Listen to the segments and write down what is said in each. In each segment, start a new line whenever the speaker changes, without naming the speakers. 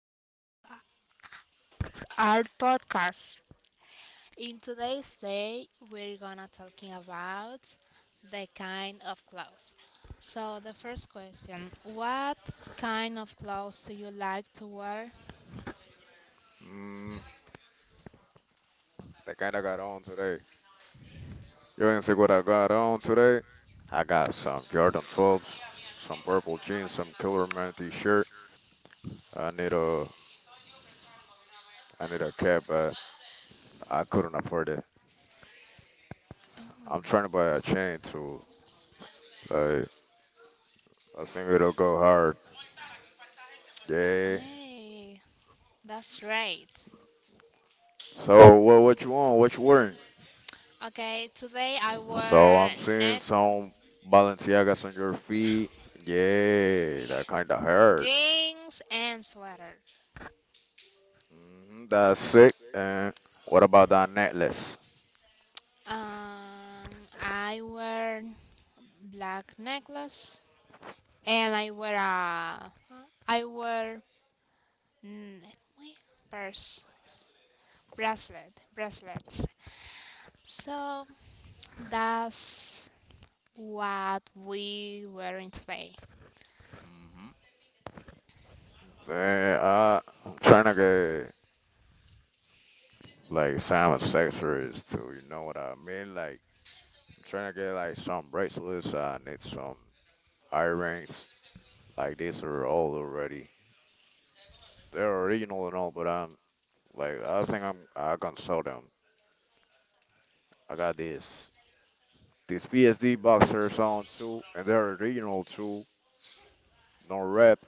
Welcome to our podcast. In today's day, we're gonna talking about the kind of clothes. So the first question: What kind of clothes do you like to wear?
Mm, they kind of got on today. You want to see what I got on today? I got some Jordan 12s, some purple jeans, some Killer Man t-shirt. I need a I need a cap, but I couldn't afford it. I'm trying to buy a chain too. Like I think it'll go hard. Yeah.
Hey, that's great.
So what you want? What you wearing?
Okay, today I
So
wear
I'm seeing
neck
some Balenciagas on your feet. Yeah, that kind of hurt.
jeans and sweater.
Hmm, that's sick. And what about that necklace?
Um, I wear black necklace and I wear a I wear mm, purse bracelets. So that's what we wearing today.
Man, I'm trying to get like Simon accessories too. You know what I mean? Like I'm trying to get like some bracelets. I need some earrings. Like these are all already. They're original and all, but I think I can sell them. I got this PSD boxers on too, and they're original too. No rep,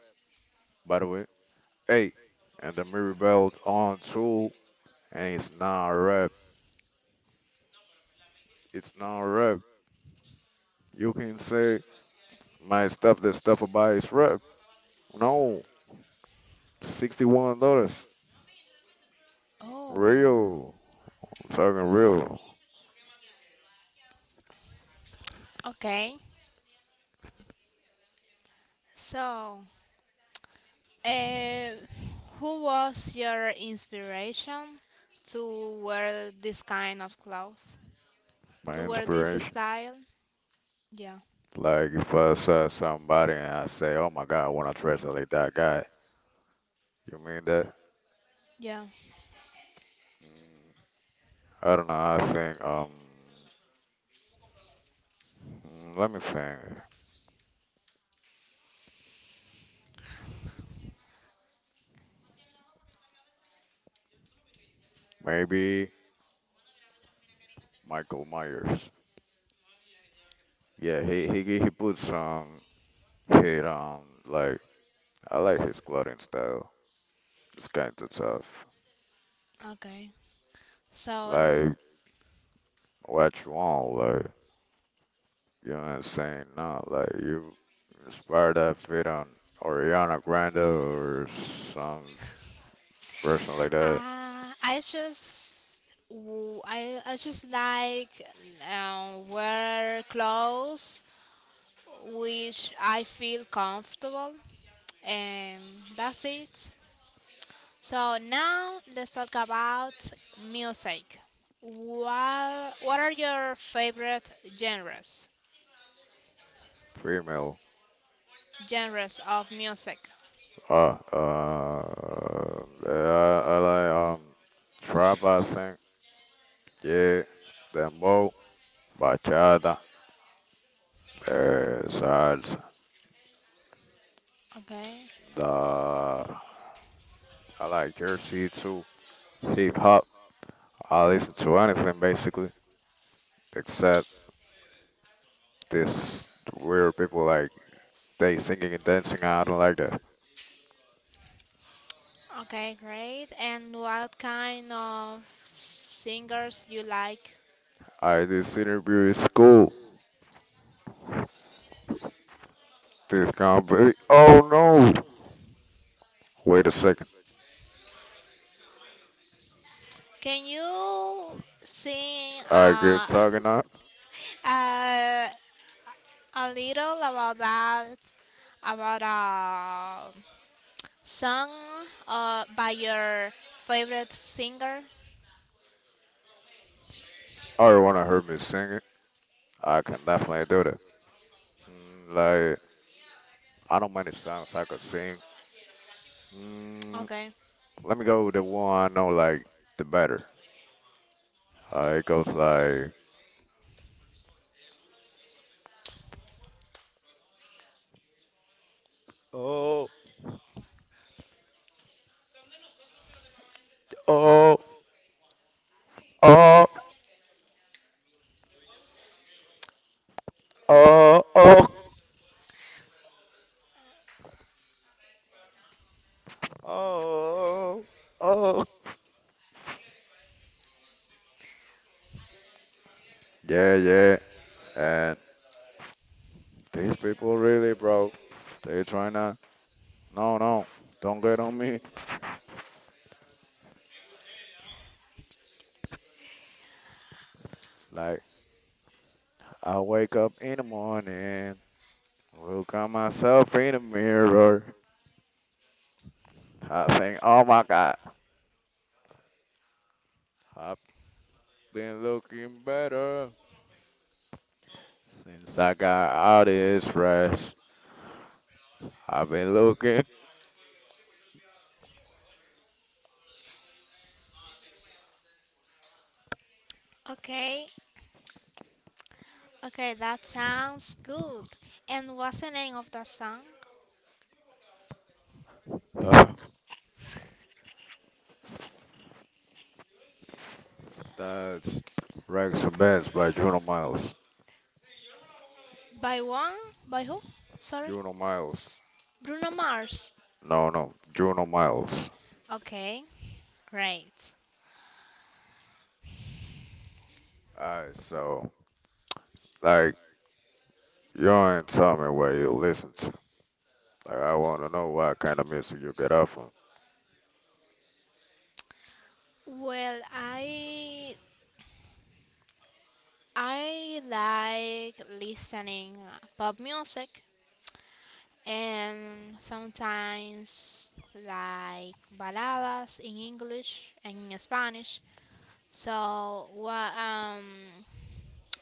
by the way. Hey, and the mirror belt on too, and it's not a rep. It's not a rep. You can say. My stuff, the stuff I buy is rep. No, $61.
Oh,
Real. I'm talking real.
okay. So, uh, who was your inspiration to wear this kind of clothes? To
My
wear this
inspiration.
style? Yeah.
Like if I saw somebody and I say, "Oh my God, I want to dress like that guy," you mean that?
Yeah.
I don't know. Let me think. Maybe Michael Myers. Yeah, he puts some hit on. Like I like his clothing style. It's kind of tough.
Okay. So,
Like what you want, like. You know what I'm saying? No, like you inspired that fit on Ariana Grande or some person like that,
I just I just like wear clothes which I feel comfortable and that's it. So now let's talk about music. What are your favorite genres?
female.
Genres of music.
Yeah, I like trap. I think, yeah, dembow, bachata, salsa.
Okay.
The I like Jersey too, hip hop. I listen to anything basically except this weird people like they singing and dancing. I don't like that.
Okay, great. And what kind of singers you like?
Alright, this interview is cool. This company. Oh no! Wait a second.
Can you sing
I get talking up.
uh, a little about that, about a song by your favorite singer?
I wanna hear me singing. I can definitely do that. Mm, like, I don't mind the songs I could sing. Mm,
Okay.
let me go with the one I know, like, the better. It goes like, oh, oh, oh, oh, oh, oh, oh. Yeah, yeah. And these people really, bro. They trying to, no, no, don't get on me. Like, I wake up in the morning, look at myself in the mirror. I think, oh my God, I've been looking better since I got out of this rest. I've been looking.
Okay. Okay, that sounds good. And what's the name of that song?
That's Rags and Bands by Juno Miles.
By one? By who? Sorry.
Juno Miles.
Bruno Mars.
No, no, Juno Miles.
Okay. Great.
Alright, so, like, you ain't tell me what you listen to. Like, I want to know what kind of music you get off on.
Well, I like listening pop music and sometimes like baladas in English and in Spanish. So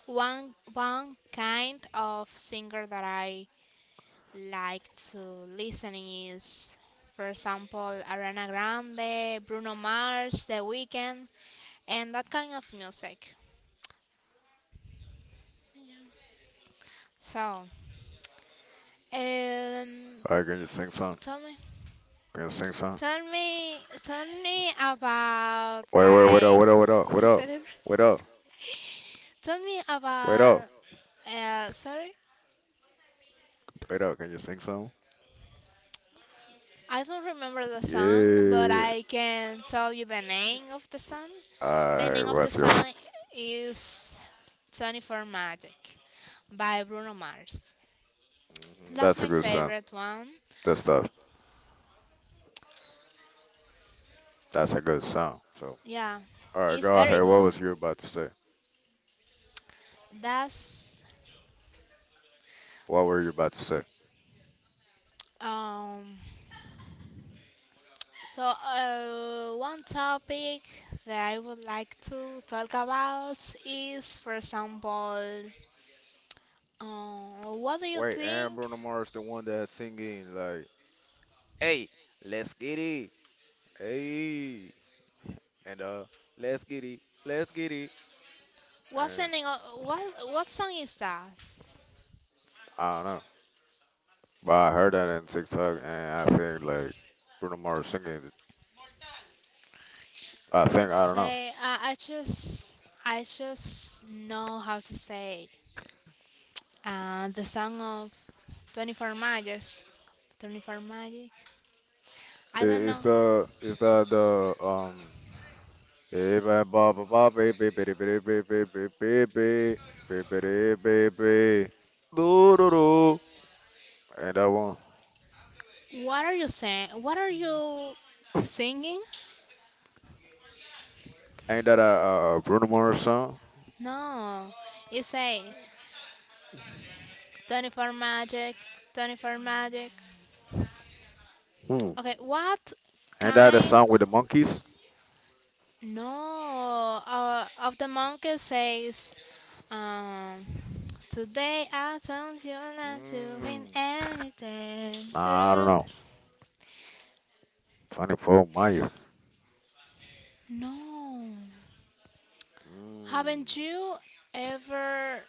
one kind of singer that I like to listen is, for example, Ariana Grande, Bruno Mars, The Weeknd, and that kind of music. So, um,
Alright, can you sing some?
tell me.
Can you sing some?
Tell me about
Wait, wait, wait up,
like,
wait up, wait up,
a
wait up,
celebr-
wait up,
tell me
wait up,
about. Sorry,
wait up. Can you sing some?
I don't remember the song, but
Yeah.
I can tell you the name of the song. The name
Alright,
of the
what's your?
song is 24 Magic by Bruno Mars.
Mhm,
That's
that's a
my
good song.
favorite one.
That's the. That's a good song. So,
Yeah,
alright,
it's
go
very
ahead. What
good.
was you about to say?
That's
What were you about to say?
um So, one topic that I would like to talk about is, for example, what do you
Wait, Aaron
think?
Bruno Mars, the one that's singing like, "Hey, let's get it, hey," and let's get it,"
What
and
song? What what song is that?
I don't know, but I heard that in TikTok, and I think like Bruno Mars singing. It. I think
It's
I don't know.
say I just know how to say the song of 24 Magics. 24 Magic.
I-
I don't
It's
know.
the it's the the um eh, ba- ba- ba- ba- ba- ba- ba- ba- ba- ba- ba- ba- ba- ba- ba- ba- ba- do do do. Ain't that one?
What are you saying? What are you singing?
Ain't that a Bruno Mars song?
No, you say 24 magic, 24 magic.
Hmm.
Okay, what
Ain't that a
kind?
song with the monkeys?
No, of the monkey says, um, today I told you not to win
Mm.
anything.
Nah, I don't
Tururut.
know. Funny for Meyer.
No,
Mm.
haven't you ever?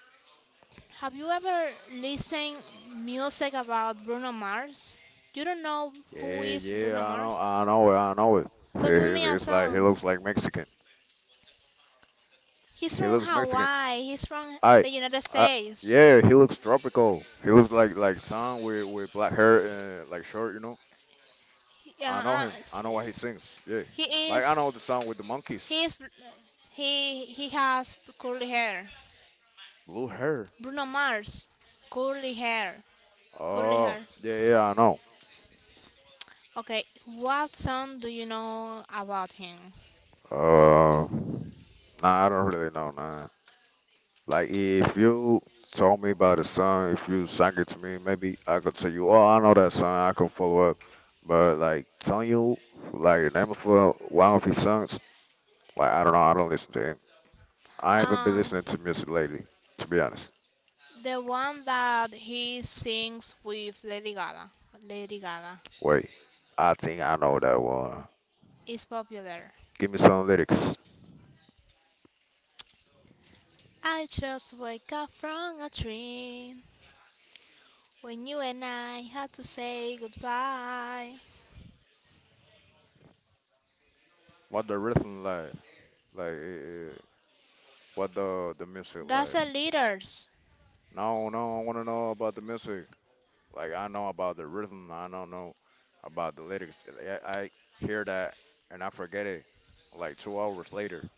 Have you ever listened music about Bruno Mars? You don't know who
Yeah,
is
yeah,
Bruno Mars?
I know it, I know it. It-
So tell
It's,
me a
it's like he
song.
looks like Mexican.
He's
He
from
looks Mexican.
Hawaii. He's from
I,
the United
I,
States.
yeah, he looks tropical. He looks like Tom with black hair and like short, you know.
Uh,
I know
uh,
him. I know what he sings. Yeah,
he
like I
is.
know the song with the monkeys,
He is. He has curly hair.
blue hair.
Bruno Mars, curly hair, curly
Oh,
hair.
yeah, yeah, I know.
Okay, what song do you know about him?
Uh, nah, I don't really know, nah. Like if you told me about the song, if you sang it to me, maybe I could tell you, oh, I know that song. I can follow up. But like telling you like the name of one of his songs, like I don't know. I don't listen to him. I haven't been
Uh,
listening to music lately, to be honest.
the one that he sings with Lady Gaga. Lady Gaga
Wait, I think I know that one.
is popular.
Give me some lyrics.
I just wake up from a dream when you and I had to say goodbye.
What the rhythm like? Like, eh, eh, what the music
That's
like?
the leaders.
No, no, I wanna know about the music. Like, I know about the rhythm. I don't know about the lyrics. I hear that and I forget it. Like 2 hours later,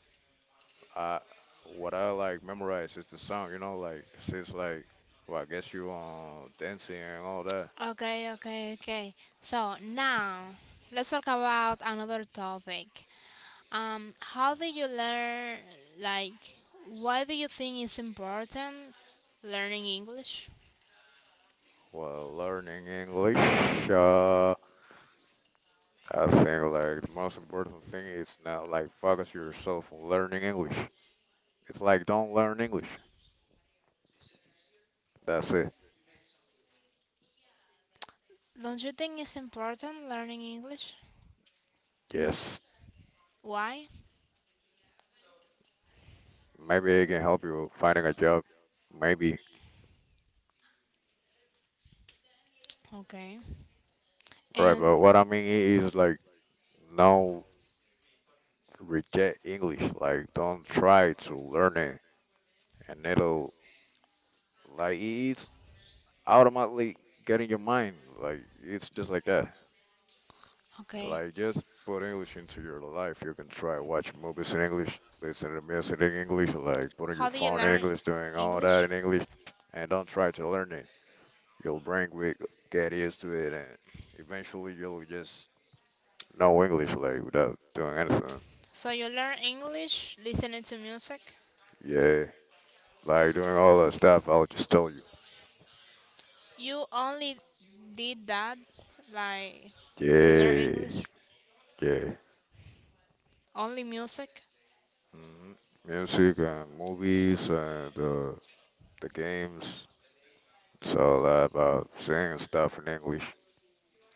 I what I like memorize is the song. You know, like 'cause it's like, well, I guess you dancing and all that.
Okay, okay, okay. So now let's talk about another topic. How do you learn? Like, why do you think it's important learning English?
While learning English, uh, I think like the most important thing is not like focus yourself on learning English. It's like don't learn English. That's it.
Don't you think it's important learning English?
Yes,
Why?
maybe it can help you finding a job. Maybe.
Okay.
Right, but
And
what I mean is like no reject English. Like don't try to learn it, and it'll like it's automatically get in your mind. Like it's just like that.
okay,
Like, just put English into your life. You can try watch movies in English, listen to music in English, like putting your
how do you
phone in
learn
English, doing all that
English?
in English, and don't try to learn it. Your brain will get used to it, and eventually you'll just know English, like, without doing anything.
So you learn English listening to music.
Yeah, like doing all that stuff I'll just tell you.
You only did that, like, to learn
Yeah,
English.
yeah.
Only music.
Hmm, music and movies and the games. It's all about saying stuff in English.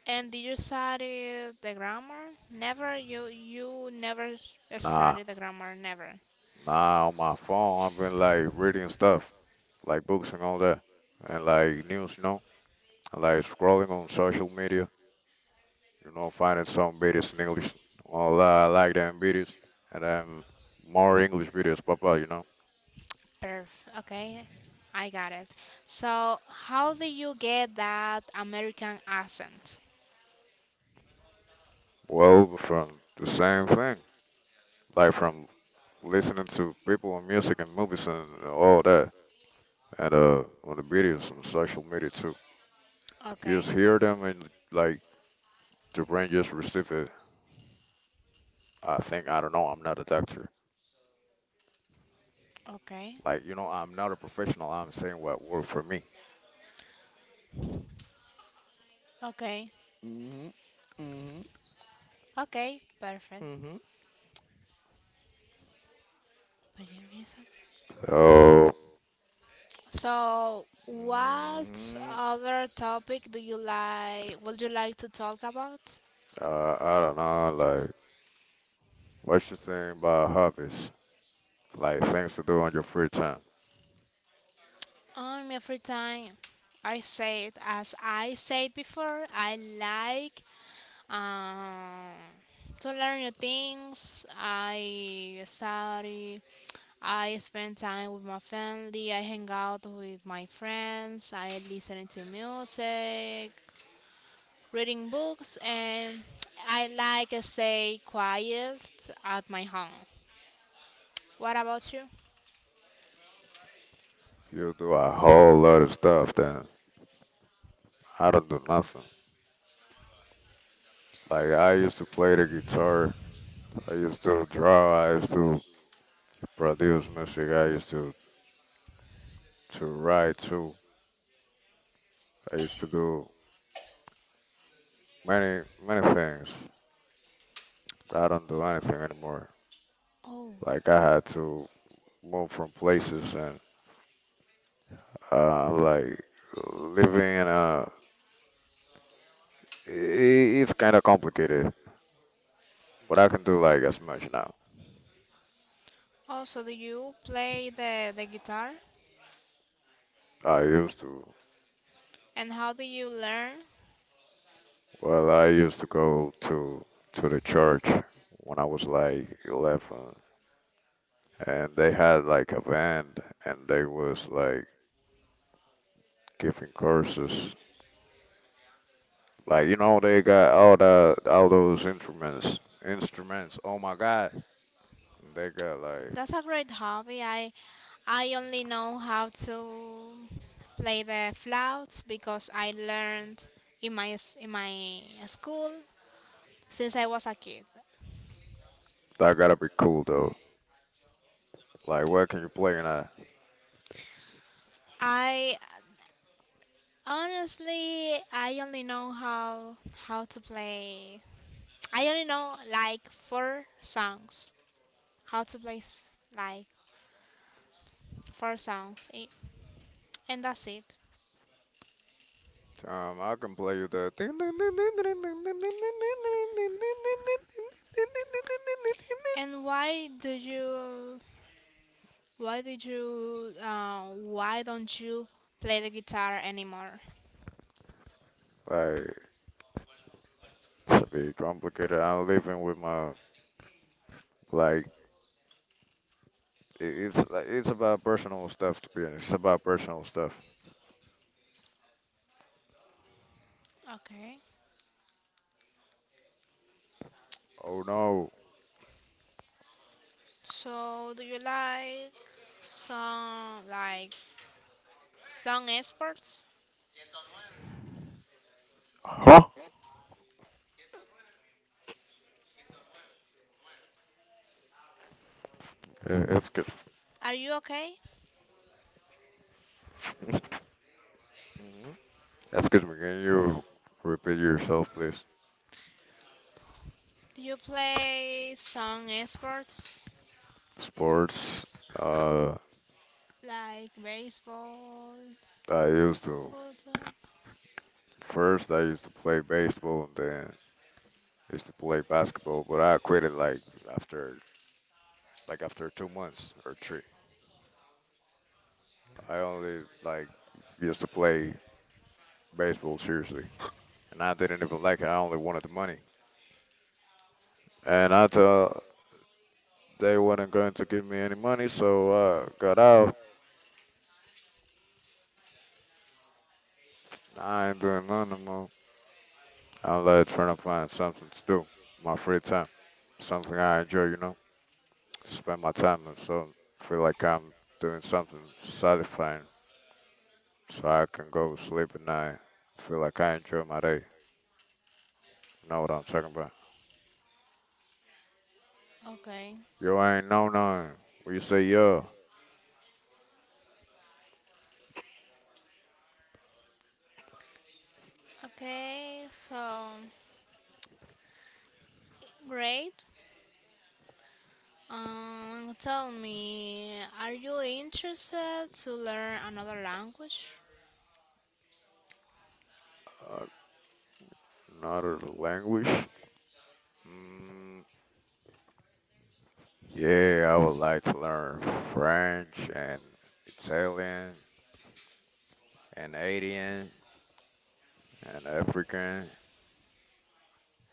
And did you study the grammar? Never. You never
Nah.
studied the grammar. Never.
Nah, on my phone, I've been like reading stuff, like books and all that, and like news, you know, and, like scrolling on social media, you know, finding some videos in English. Well, I like them videos, and then more English videos pop up, you know.
Perfect. Okay, I got it. So how do you get that American accent?
Well, from the same thing, like from listening to people and music and movies and all that, and on the videos on social media too. You just
Okay.
hear them and like the brain just receive it. I think I don't know. I'm not a doctor.
Okay.
Like, you know, I'm not a professional. I'm saying what worked for me.
Okay.
Hmm. Hmm.
Okay. Perfect.
Hmm.
For your reason.
So,
So what
mm,
other topic do you like? Would you like to talk about?
I don't know, like, what you think about hobbies? Like, things to do on your free time.
Every time I say it as I said before, I like um, to learn new things. I study, I spend time with my family, I hang out with my friends, I listen to music, reading books, and I like to stay quiet at my home. What about you?
You do a whole lot of stuff, then I don't do nothing. Like, I used to play the guitar, I used to draw, I used to produce music, to write too. I used to do many things, but I don't do anything anymore.
Oh,
Like, I had to moved from places and like living in a it's kind of complicated but I can do like as much now
also, do you play the guitar?
I used to.
And how do you learn?
Well, I used to go to the church when I was like 11 and they had like a band and they was like giving courses, like you know they got all the all those instruments, oh my god, they got like
That's a great hobby. I only know how to play the flute because I learned in my in my school since I was a kid.
that gotta be cool though, like what can you play in a.
I honestly I only know how to play. I only know like four songs. How to play like four songs, and that's it.
I can play you the.
And why did you? Why don't you play the guitar anymore?
Like, to be complicated, I'm living with my like. It's like it's about personal stuff. To be honest, it's about personal stuff.
Okay.
Oh no.
So, do you like some like song experts?
Huh? That's good.
Are you okay?
Mhm. Excuse me. Can you repeat yourself, please?
Do you play song experts
Sports. Uh,
like baseball,
I used to
football?
First I used to play baseball and then used to play basketball, but I quit it after like after 2 months or three. I only like used to play baseball seriously, and I didn't even like it. I only wanted the money, and I thought they weren't going to give me any money, so I got out. I ain't doing nothing no more. I'm like trying to find something to do, my free time, something I enjoy, you know, to spend my time, and so feel like I'm doing something satisfying, so I can go sleep at night. Feel like I enjoy my day. You know what I'm talking about?
Okay.
You ain't know none. What you say yeah.
Okay. So great. Tell me, are you interested to learn another language?
Uh, another language? Mm, yeah, I would like to learn French and Italian and Asian and African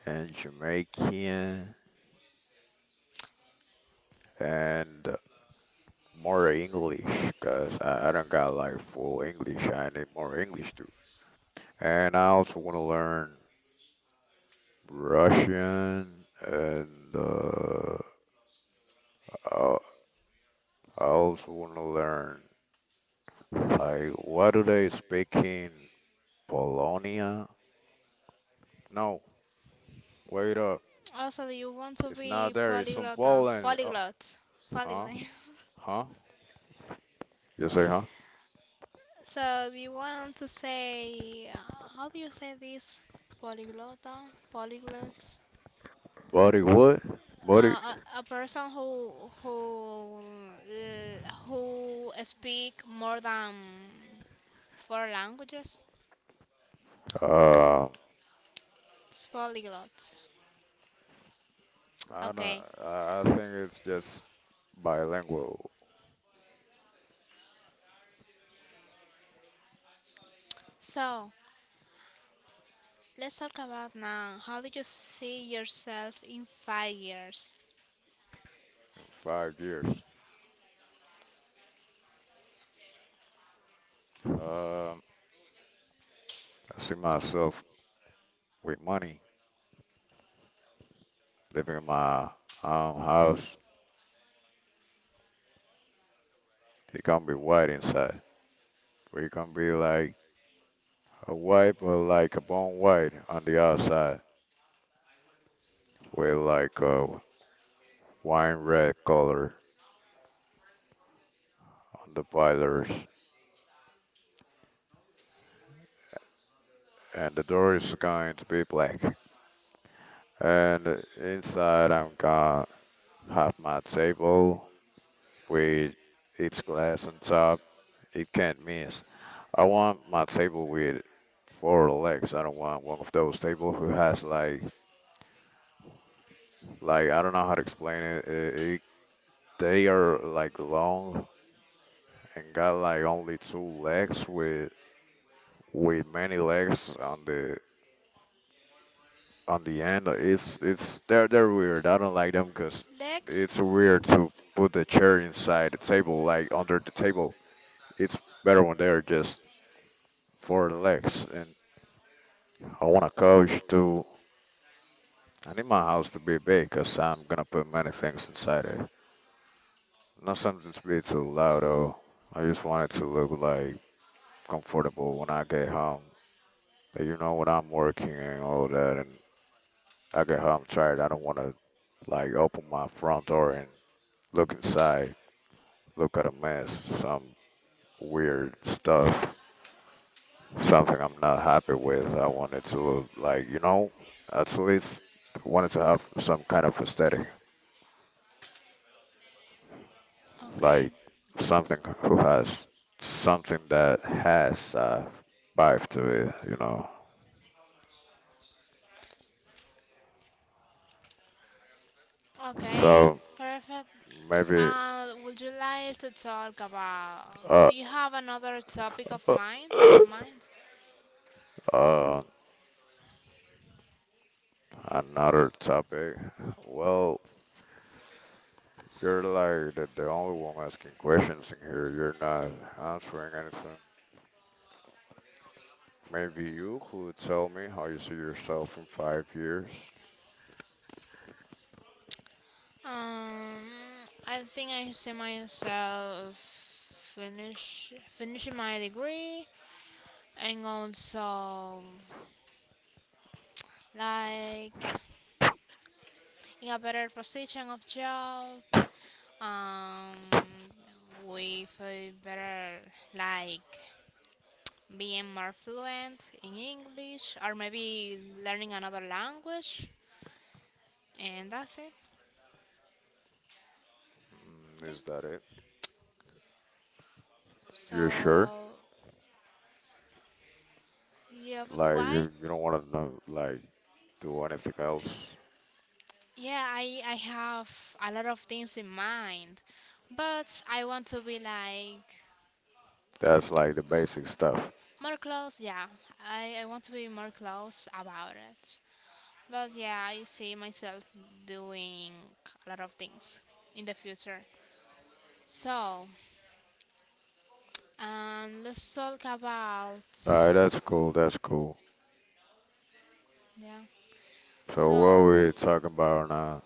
and Jamaican and more English, 'cause I don't got like full English. I need more English too. And I also want to learn Russian and uh, I, I also want to learn. Like, what do they speak in Polonia? No, wait up.
Also, do you want to
It's
be
not there. It's in
polyglot?
Poland.
Polyglot.
Huh?
Polyglot.
Huh? You say huh?
So, do you want to say, how do you say this? Polyglot? Polyglot?
Buddy, what? Buddy?
A person who speak more than four languages?
Uh,
It's polyglot.
I don't.
Okay.
I think it's just bilingual.
So, let's talk about now. How do you see yourself in 5 years?
In 5 years, um, I see myself with money living in my own house. It can be white inside, but it can be like a white, but like a bone white on the outside, with like a wine red color on the boilers, and the door is going to be black. And inside, I'm gonna have my table with its glass on top. It can't miss. I want my table with four legs. I don't want one of those tables who has like I don't know how to explain it. It they are like long and got like only two legs with many legs on the end. Like, it's they're weird. I don't like them because
Let
it's weird to put the chair inside the table, like under the table. It's better when they're just four legs. And I want a couch to. I need my house to be big because I'm gonna put many things inside it. Not something to be too loud though. I just want it to look like comfortable when I get home. That when I'm working and all that, and I get home tired. I don't want to, like, open my front door and look inside. Look at a mess, some weird stuff, something I'm not happy with. I wanted to, at least wanted to have some kind of aesthetic,
Okay.
like something who has something that has a vibe to it.
Okay,
So
perfect.
maybe
Would you like to talk about?
uh,
Do you have another topic of mind? On mind?
uh, another topic. Well, you're like the only one asking questions in here. You're not answering anything. Maybe you could tell me how you see yourself in 5 years.
Um, I think I see myself finishing my degree and also like in a better position of job. Um, with a better like being more fluent in English or maybe learning another language, and that's it.
Mm,
Yeah.
is that it? You're sure?
So, yeah,
Like
why?
you don't want to know, like do anything else.
Yeah, I have a lot of things in mind, but I want to be like
That's like the basic stuff.
more close. Yeah, I want to be more close about it. But yeah, I see myself doing a lot of things in the future. So, let's talk about.
All right, that's cool. That's cool.
Yeah.
So what
So
are we talking about now?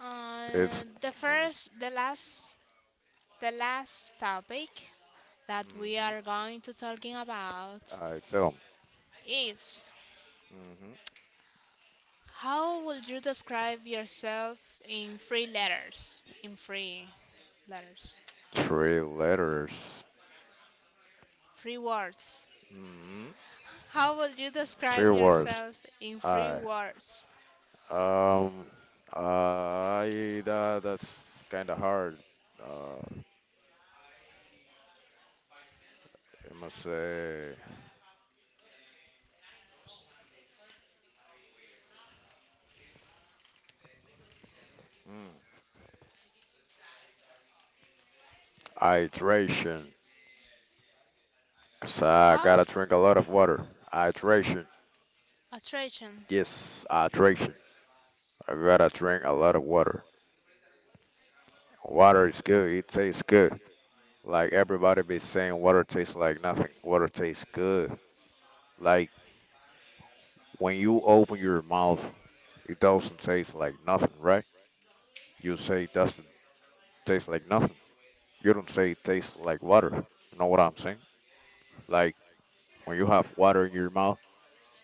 uh,
It's
the
some.
first, the last, the last topic that we
Mm-hmm.
are going to talking about
I tell
is
me. Mm-hmm.
how would you describe yourself in three letters? In three letters,
Three letters.
three words.
Mm-hmm.
How would you describe
Three words.
yourself in three
I.
words?
Um. I. That's kind of hard. Uh. I must say, mm, hydration. 'Cause I
How
gotta drink a lot of water. Hydration.
attraction.
Yes, hydration. I gotta drink a lot of water. Water is good. It tastes good. Like everybody be saying, water tastes like nothing. Water tastes good. Like when you open your mouth, it doesn't taste like nothing, right? You say it doesn't taste like nothing. You don't say it tastes like water. You know what I'm saying? Like when you have water in your mouth,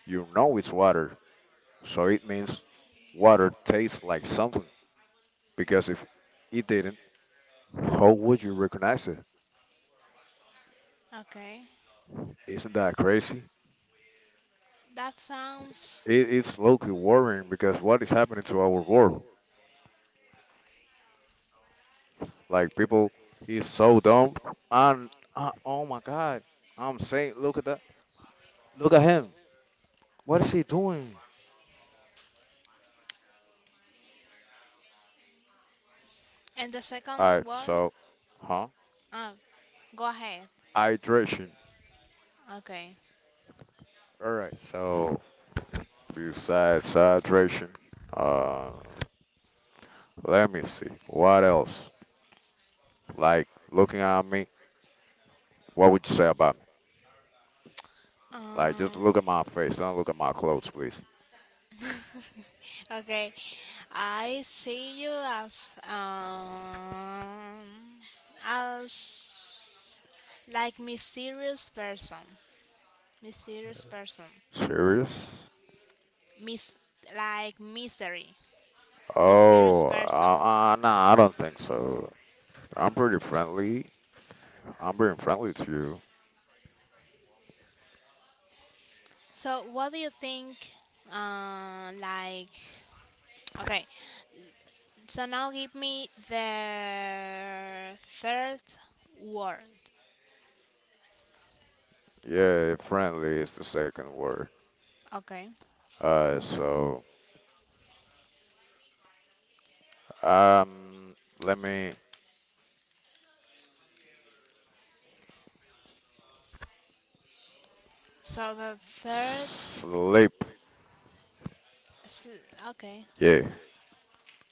you know it's water. So it means water tastes like something. Because if it didn't, how would you recognize it?
Okay,
Isn't that crazy?
that sounds.
It's low-key worrying because what is happening to our world? Like people, he's so dumb. And oh my God, I'm saying, look at that, look at him. What is he doing?
And the
Alright,
second word.
so, huh?
Ah, go ahead.
Hydration.
Okay.
Alright, so besides hydration, uh, let me see, what else? Like looking at me. What would you say about me? Like, just
Um,
look at my face. Don't look at my clothes, please.
okay, I see you as like mysterious person,
Serious?
mis like mystery, mysterious
Oh,
person.
nah, I don't think so. I'm pretty friendly. I'm being friendly to you.
So what do you think? Like okay. So now give me the third word.
Yeah, friendly is the second word.
Okay.
Uh, so, let me
So the third.
sleep.
sl- Okay.
Yeah.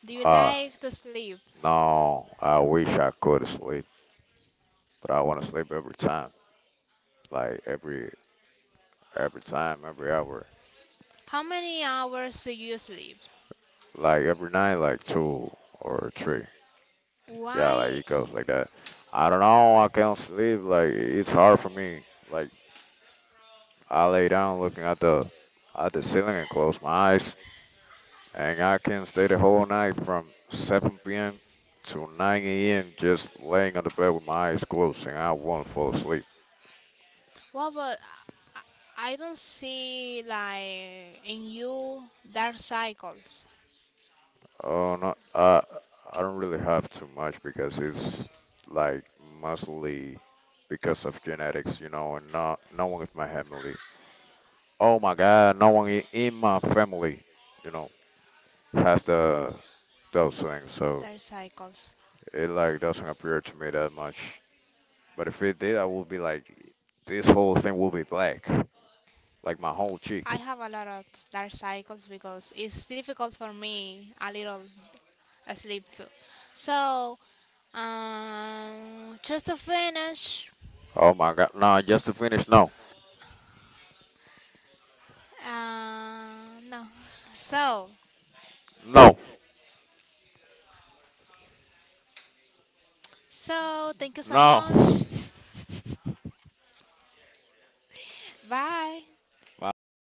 Do you
Uh,
like to sleep?
no, I wish I could sleep, but I want to sleep every time. Like every time, every hour.
How many hours do you sleep?
Like every night, like two or three. Yeah, like
Why?
it goes like that. I don't know. I can't sleep. Like it's hard for me. Like I lay down looking at the ceiling and close my eyes, and I can stay the whole night from 7 p.m. to 9 a.m. just laying on the bed with my eyes closed, and I won't fall asleep.
What about? I don't see like in you dark cycles.
Oh no, I don't really have too much because it's like mostly because of genetics, you know, and not no one in my family. Oh my God, no one in my family, you know, has the those things, so
Dark cycles.
it like doesn't appear to me that much. But if it did, I would be like, this whole thing will be black, like my whole cheek.
I have a lot of dark cycles because it's difficult for me a little sleep too. So, just to finish,
Oh my god, no! Just to finish, no,
uh, no. So,
no,
thank you so
no.
much. Bye.
All right.